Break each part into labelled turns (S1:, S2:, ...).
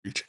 S1: Preach.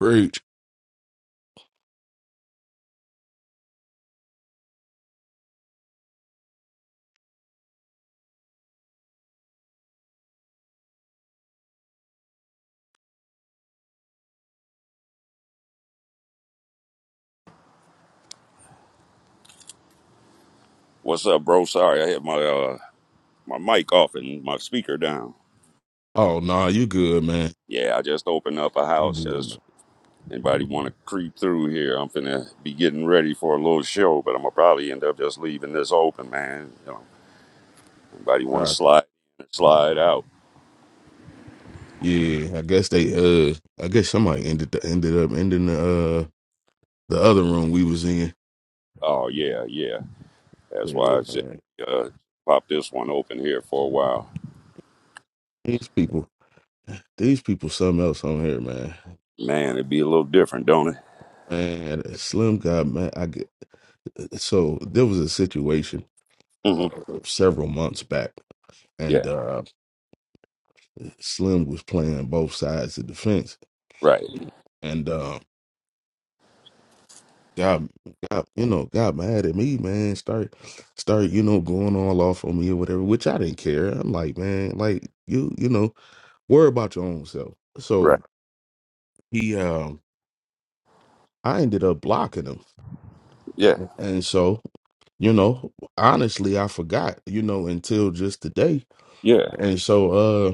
S1: Preach.
S2: What's up, bro? Sorry, I had my uh, my mic off and my speaker down.
S1: Oh nah, you good, man.
S2: Yeah, I just opened up a
S1: You
S2: house.
S1: good, man.
S2: Just anybody want to creep through here? I'm finna be getting ready for a little show, but I'm gonna probably end up just leaving this open, man. You know, anybody want to
S1: God.
S2: slide slide out?
S1: Yeah, I guess they uh I guess somebody ended the, ended up ending the uh the other room we was in.
S2: Oh yeah, yeah. That's
S1: Yeah,
S2: why I said
S1: man.
S2: uh, pop this one open here for a while.
S1: These people these people something else on here, man.
S2: Man, it'd be a little different, don't it?
S1: Man, Slim got man. I get, so there was a situation uh,
S2: hmm
S1: several months back,
S2: Yeah.
S1: and uh Slim was playing both sides of the fence,
S2: Right.
S1: and uh, God, God, you know, got mad at me, man. Start, start, you know, going all off on me or whatever, which I didn't care. I'm like, man, like you, you know, worry about your own self. So
S2: Right.
S1: he, um, I ended up blocking him,
S2: Yeah.
S1: and so you know, honestly, I forgot, you know, until just today,
S2: Yeah.
S1: and so, uh,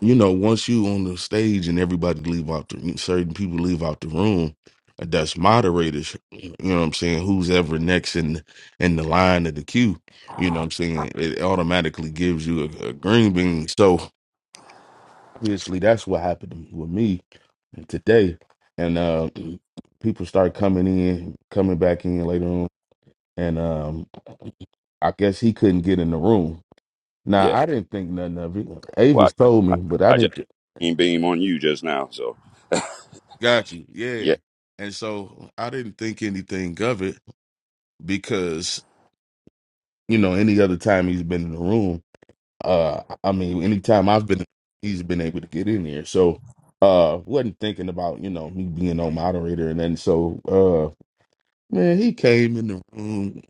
S1: you know, once you on the stage and everybody leave out the certain people leave out the room, that's moderators, you know what I'm saying, who's ever next in in the line of the queue, you know what I'm saying, it automatically gives you a, a green bean. So obviously that's what happened with me today. And uh people start coming in, coming back in later on. And um I guess he couldn't get in the room. Now
S2: Yeah.
S1: I didn't think nothing of it.
S2: Well,
S1: Avis told
S2: I,
S1: me, but
S2: I
S1: I
S2: I just
S1: didn't
S2: beam beam on you just now, so.
S1: Got you.
S2: Yeah,
S1: Yeah. And so I didn't think anything of it because, you know, any other time he's been in the room, uh I mean,
S2: mm,
S1: anytime I've been he's been able to get in here. So uh wasn't thinking about, you know, me being no moderator and then so uh man, he came in the room,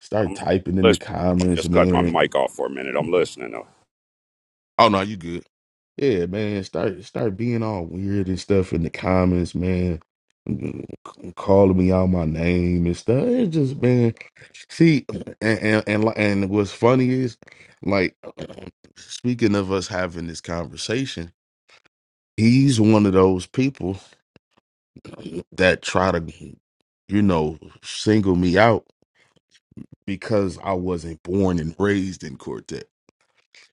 S1: started
S2: I'm
S1: typing in the
S2: listening. I
S1: comments,
S2: just cut my
S1: man.
S2: mic off for a minute. I'm listening. though.
S1: Oh no, you good. Yeah, man, start start being all weird and stuff in the comments, man. Mm, c- Calling me out my name and stuff. It's just man, see, and and and, li- and what's funny is, like, speaking of us having this conversation, he's one of those people that try to, you know, single me out because I wasn't born and raised in quartet.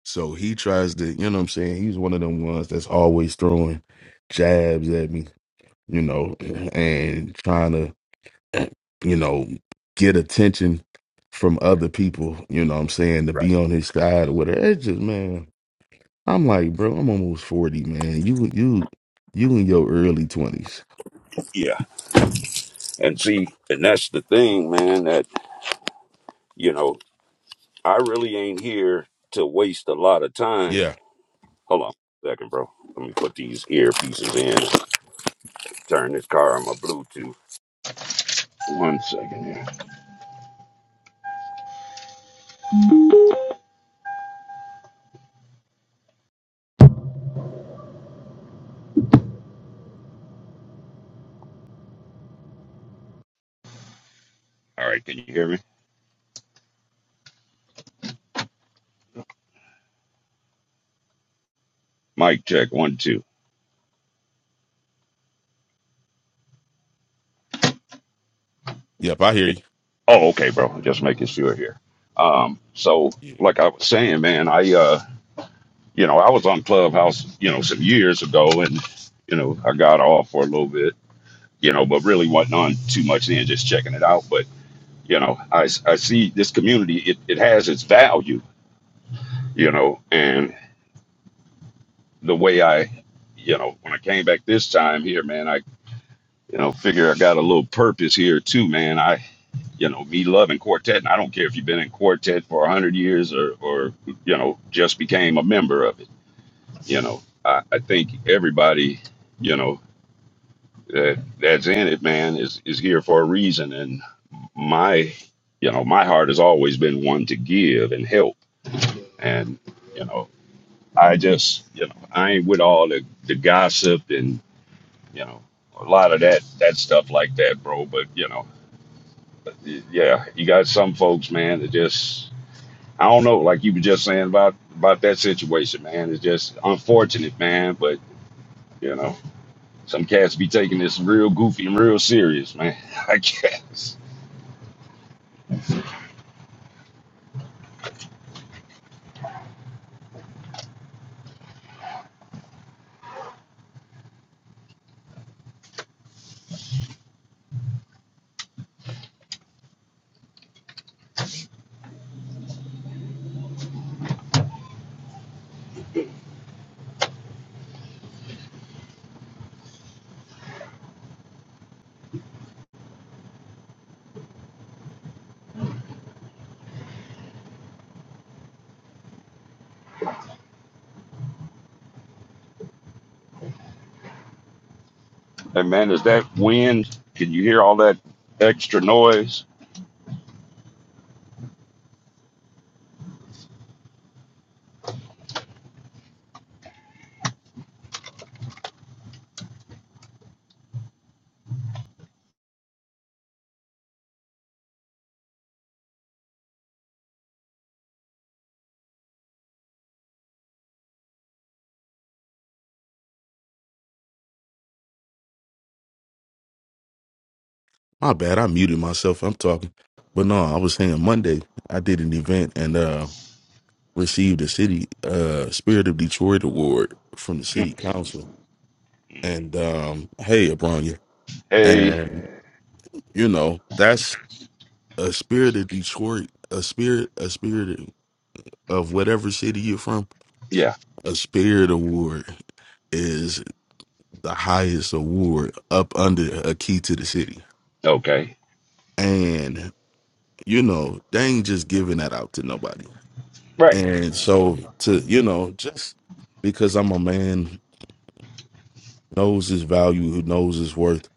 S1: So he tries to, you know what I'm saying? He's one of them ones that's always throwing jabs at me you know, and trying to, you know, get attention from other people, you know what I'm saying, to
S2: Right.
S1: be on his side or whatever. It's just man, I'm like, bro, I'm almost 40, man. You you you in your early 20s.
S2: Yeah. And see, and that's the thing, man, that, you know, I really ain't here to waste a lot of time.
S1: Yeah.
S2: Hold on a second, bro. Let me put these earpieces in. Turn this car on my Bluetooth. One second here. All right. Can you hear me? Mic check. One, two.
S1: Yep. I hear
S2: Can-
S1: you.
S2: Oh, okay, bro. Just making sure here. Um, so
S1: Yeah.
S2: like I was saying, man, I, uh, you know, I was on Clubhouse, you know, some years ago and, you know, I got off for a little bit, you know, but really wasn't on too much then, just checking it out. But, you know, I, I see this community, it, it has its value, you know, and the way I, you know, when I came back this time here, man, I, you know, figure I got a little purpose here too, man. I, you know, me loving quartet, and I don't care if you've been in quartet for 100 years or, or you know, just became a member of it, you know. I, I think everybody, you know, that that's in it, man, is is here for a reason. And my, you know, my heart has always been one to give and help. And you know, I just, you know, I ain't with all the the gossip and you know a lot of that that stuff like that, bro. But you know, yeah, you got some folks, man, that just. I don't know, like you were just saying about about that situation, man. It's just unfortunate, man. But you know, some cats be taking this real goofy and real serious, man. I guess. And man, is that wind? Can you hear all that extra noise?
S1: My bad, I muted myself. I'm talking. But no, I was saying Monday I did an event and uh received a city uh Spirit of Detroit award from the city council. And um hey Abronya.
S2: Hey,
S1: You know, that's a spirit of Detroit, a spirit, a spirit of whatever city you're from.
S2: yeah,
S1: A spirit award is the highest award up under a key to the city.
S2: okay,
S1: And, you know, they ain't just giving that out to nobody.
S2: right,
S1: And so to, you know, just because I'm a man who knows his value, who knows his worth,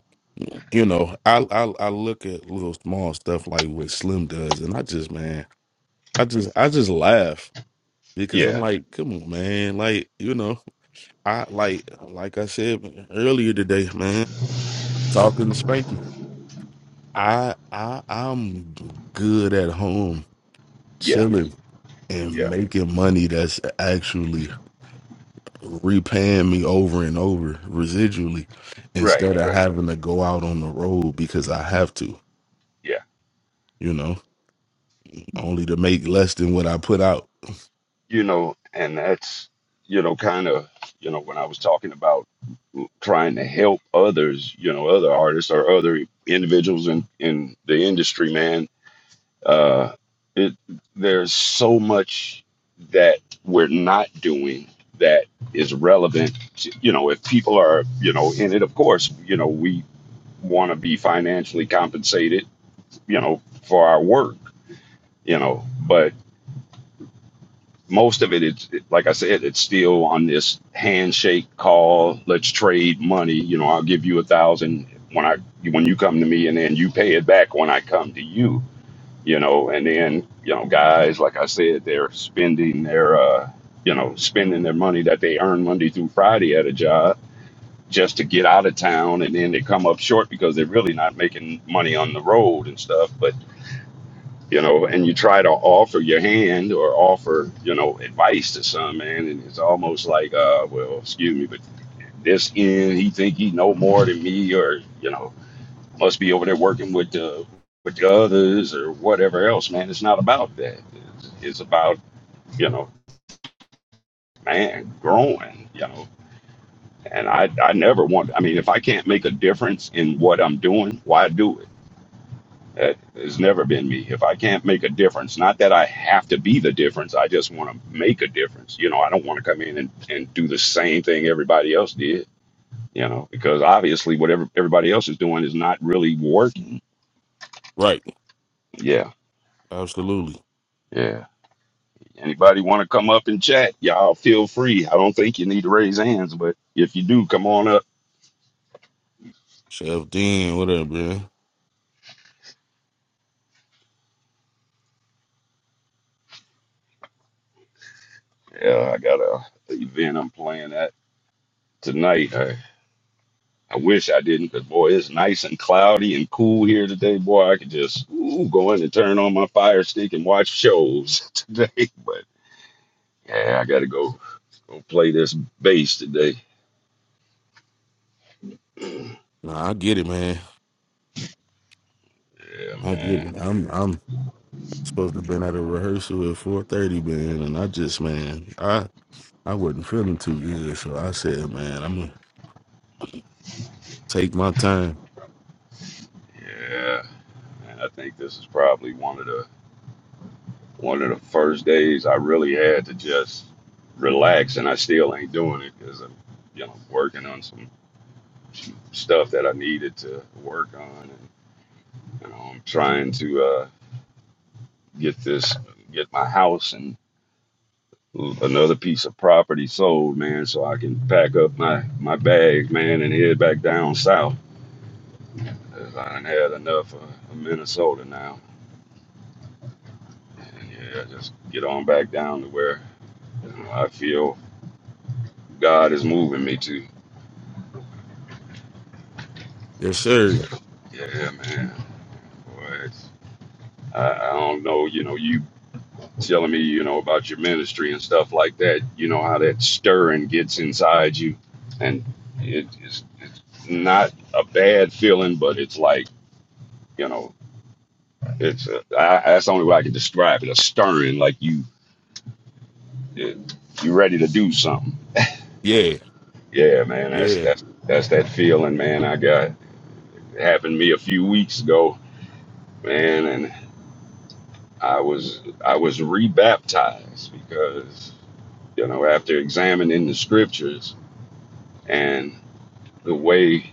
S1: you know, I, I I look at little small stuff like what Slim does, and I just man, I just I just laugh because I'm
S2: yeah,
S1: like, come on, man. Like, you know, I like like I said earlier today, man, talking to Spanky. I I I'm good at home
S2: yeah,
S1: chilling and
S2: yeah,
S1: making money that's actually repaying me over and over residually
S2: right,
S1: instead of
S2: right,
S1: having to go out on the road because I have to,
S2: yeah.
S1: you know, only to make less than what I put out.
S2: You know, and that's, you know, kind of, you know, when I was talking about trying to help others, you know, other artists or other individuals in, in the industry, man, Uh, it there's so much that we're not doing that is relevant. To, you know, if people are you know in it, of course, you know we want to be financially compensated. You know, for our work. You know, but most of it, it's it- like I said, it's still on this handshake call. Let's trade money. You know, I'll give you a thousand when I when you come to me, and then you pay it back when I come to you you know and then you know guys like i said they're spending their uh you know spending their money that they earn monday through friday at a job just to get out of town and then they come up short because they're really not making money on the road and stuff but you know and you try to offer your hand or offer you know advice to some man and it's almost like uh well excuse me but this end he think he know more than me or you know must be over there working with the with the others or whatever else, man. It's not about that. It's, it's about you know, man, growing. You know, and I I never want. I mean, if I can't make a difference in what I'm doing, why do it? That has never been me. If I can't make a difference, not that I have to be the difference, I just want to make a difference. You know, I don't want to come in and, and do the same thing everybody else did, you know, because obviously whatever everybody else is doing is not really working.
S1: Right.
S2: Yeah.
S1: Absolutely.
S2: Yeah. Anybody want to come up and chat? Y'all feel free. I don't think you need to raise hands, but if you do, come on up.
S1: Chef Dean, whatever, man.
S2: Yeah, I got a event I'm playing at tonight. I, I wish I didn't, because boy, it's nice and cloudy and cool here today. Boy, I could just ooh, go in and turn on my fire stick and watch shows today. But yeah, I got to go go play this bass today.
S1: Nah, I get it, man.
S2: Yeah,
S1: I get
S2: man.
S1: it. I'm I'm supposed to have been at a rehearsal at four thirty, man, and I just man, I I wasn't feeling too good, so I said, man, I'm gonna take my time.
S2: Yeah, man. I think this is probably one of the one of the first days I really had to just relax, and I still ain't doing it because I'm, you know, working on some stuff that I needed to work on, and you know, I'm trying to uh, get this, get my house and another piece of property sold, man, so I can pack up my my bags, man, and head back down south. 'Cause I done had enough of of Minnesota now, and yeah, just get on back down to where you know, I feel God is moving me to.
S1: Yes, sir.
S2: Yeah, man. Boy, it's- I, I don't know, you know, you telling me, you know, about your ministry and stuff like that, you know, how that stirring gets inside you. And it, it's, it's not a bad feeling, but it's like, you know, it's a, I, that's the only way I can describe it a stirring, like you, it, you ready to do something.
S1: Yeah,
S2: Yeah, man, that's,
S1: yeah.
S2: that's, that's that feeling, man. I got, it happened to me a few weeks ago, man, and I was, I was rebaptized because you know, after examining the scriptures and the way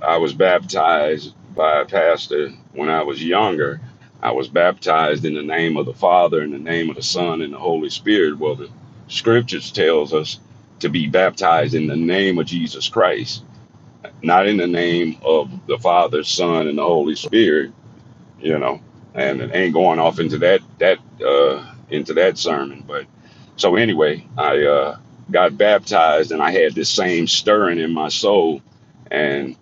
S2: I was baptized by a pastor when I was younger, I was baptized in the name of the Father, in the name of the Son, and the Holy Spirit. Well, the scriptures tells us to be baptized in the name of Jesus Christ, not in the name of the Father, Son, and the Holy Spirit you know, and it ain't going off into that that uh, into that sermon. But so anyway, I uh, got baptized, and I had this same stirring in my soul. And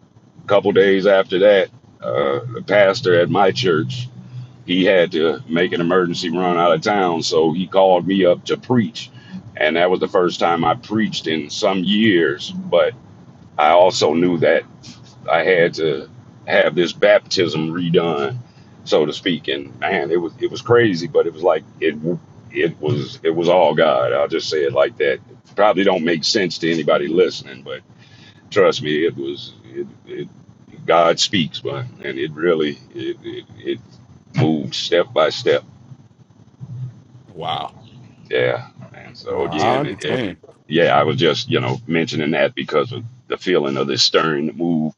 S2: a couple days after that, uh, the pastor at my church he had to make an emergency run out of town, so he called me up to preach, and that was the first time I preached in some years. But I also knew that. I had to have this baptism redone, so to speak. And man, it was it was crazy, but it was like it it was it was all God. I'll just say it like that. Probably don't make sense to anybody listening, but trust me, it was it, it God speaks, but and it really it, it it moved step by step.
S1: Wow.
S2: Yeah, and so
S1: Nah, I
S2: again, it, it,
S1: understand.
S2: yeah, I was just you know mentioning that because of the feeling of this stirring move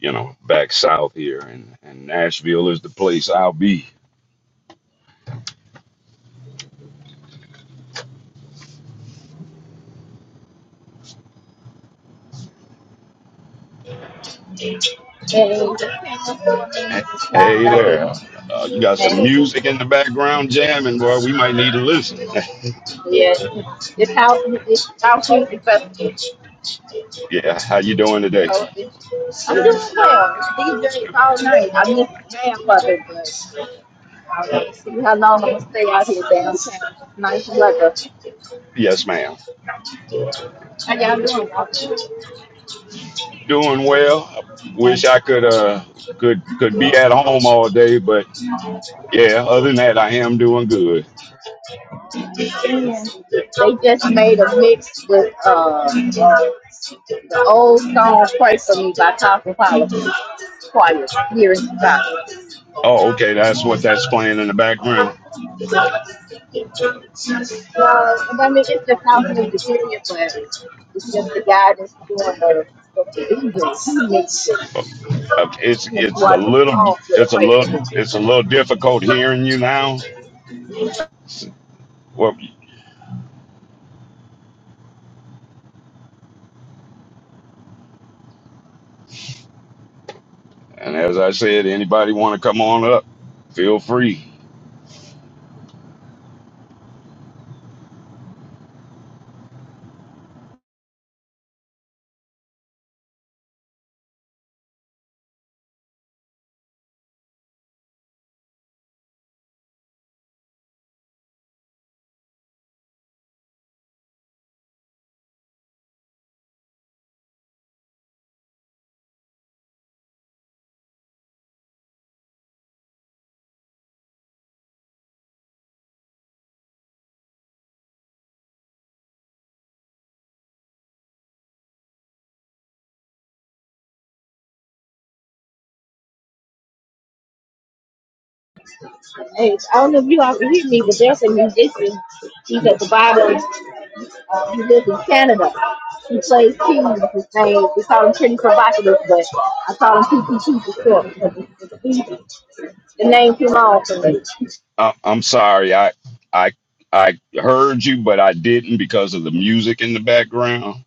S2: you know, back south here, and, and Nashville is the place I'll be.
S3: And slide
S2: Hey
S3: out here.
S2: there, uh, you got some
S3: Hey,
S2: music in the background jamming, boy. We might need to listen.
S3: yeah. It's how it's out here. because so it-
S2: yeah, how you doing today?
S3: I'm doing well. It's DJs all night. I miss the jam of it, but I want see how long I'm gonna stay out here downtown. Nice weather.
S2: Yes, ma'am.
S3: How y'all doing?
S2: Doing well. I wish I could uh could could be at home all day, but yeah, other than that, I am doing good.
S3: They just made a mix with uh the old song "Pray for Me" by Top Power Choir here in Chicago.
S2: Oh, okay, that's what that's playing in the background.
S3: Mas não vai mexer porque afinal do dia, Cléber, os intermediários do ano contribuindo,
S2: Oh, Okay, it's
S3: make
S2: it's a
S3: one
S2: little
S3: call for the
S2: it's a little
S3: price of
S2: it's
S3: the
S2: a little difficult hearing you now. Well, And as I said, anybody want to come on up, feel free.
S3: Hey, I don't know if you all can hear me, but there's a musician. He's at the bottom. Um, he lives in Canada. He plays keys. His name, we call him Kenny Provocative, but I call him PPT for short because it's it's easy. The name too long for me.
S2: I, I'm sorry, I I I heard you, but I didn't because of the music in the background.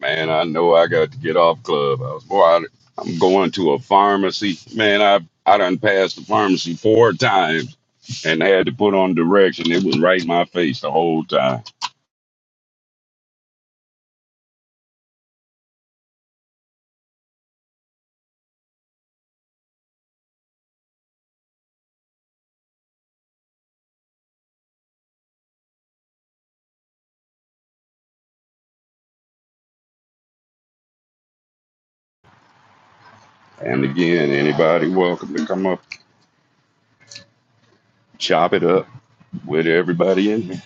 S2: Man, I know I got to get off club. I was boy, I, I'm going to a pharmacy. Man, I I done passed the pharmacy four times and had to put on direction. It was right in my face the whole time. And again, anybody welcome to come up, chop it up with everybody in here.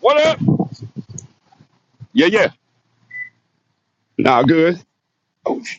S2: What up? Yeah, yeah. Nah, good. Oh, sh-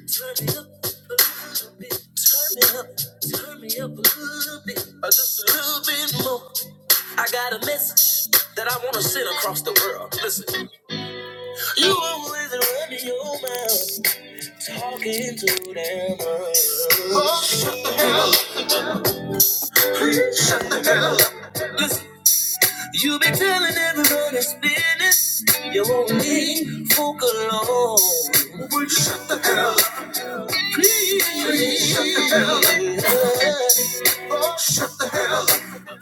S2: turn me up a little bit. Turn me up. Turn me up a little bit. Uh, Just a little bit more. I got a message that I want to send across the world. Listen, you always running your mouth, talking to them. Oh, please, shut the hell up. Listen, you been telling everyone it's business. You won't leave folk alone. Please, shut the hell up. Oh, shut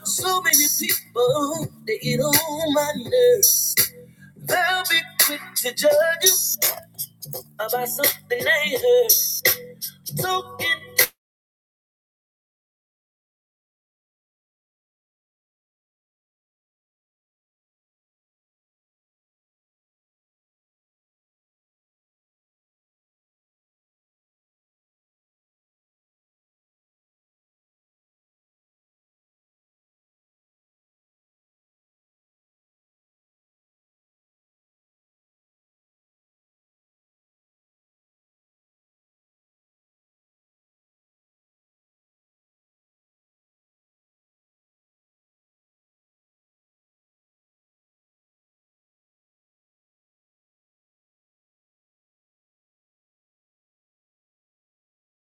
S2: So many people, they get on my nerves. They'll be quick to judge you about something they heard. Talking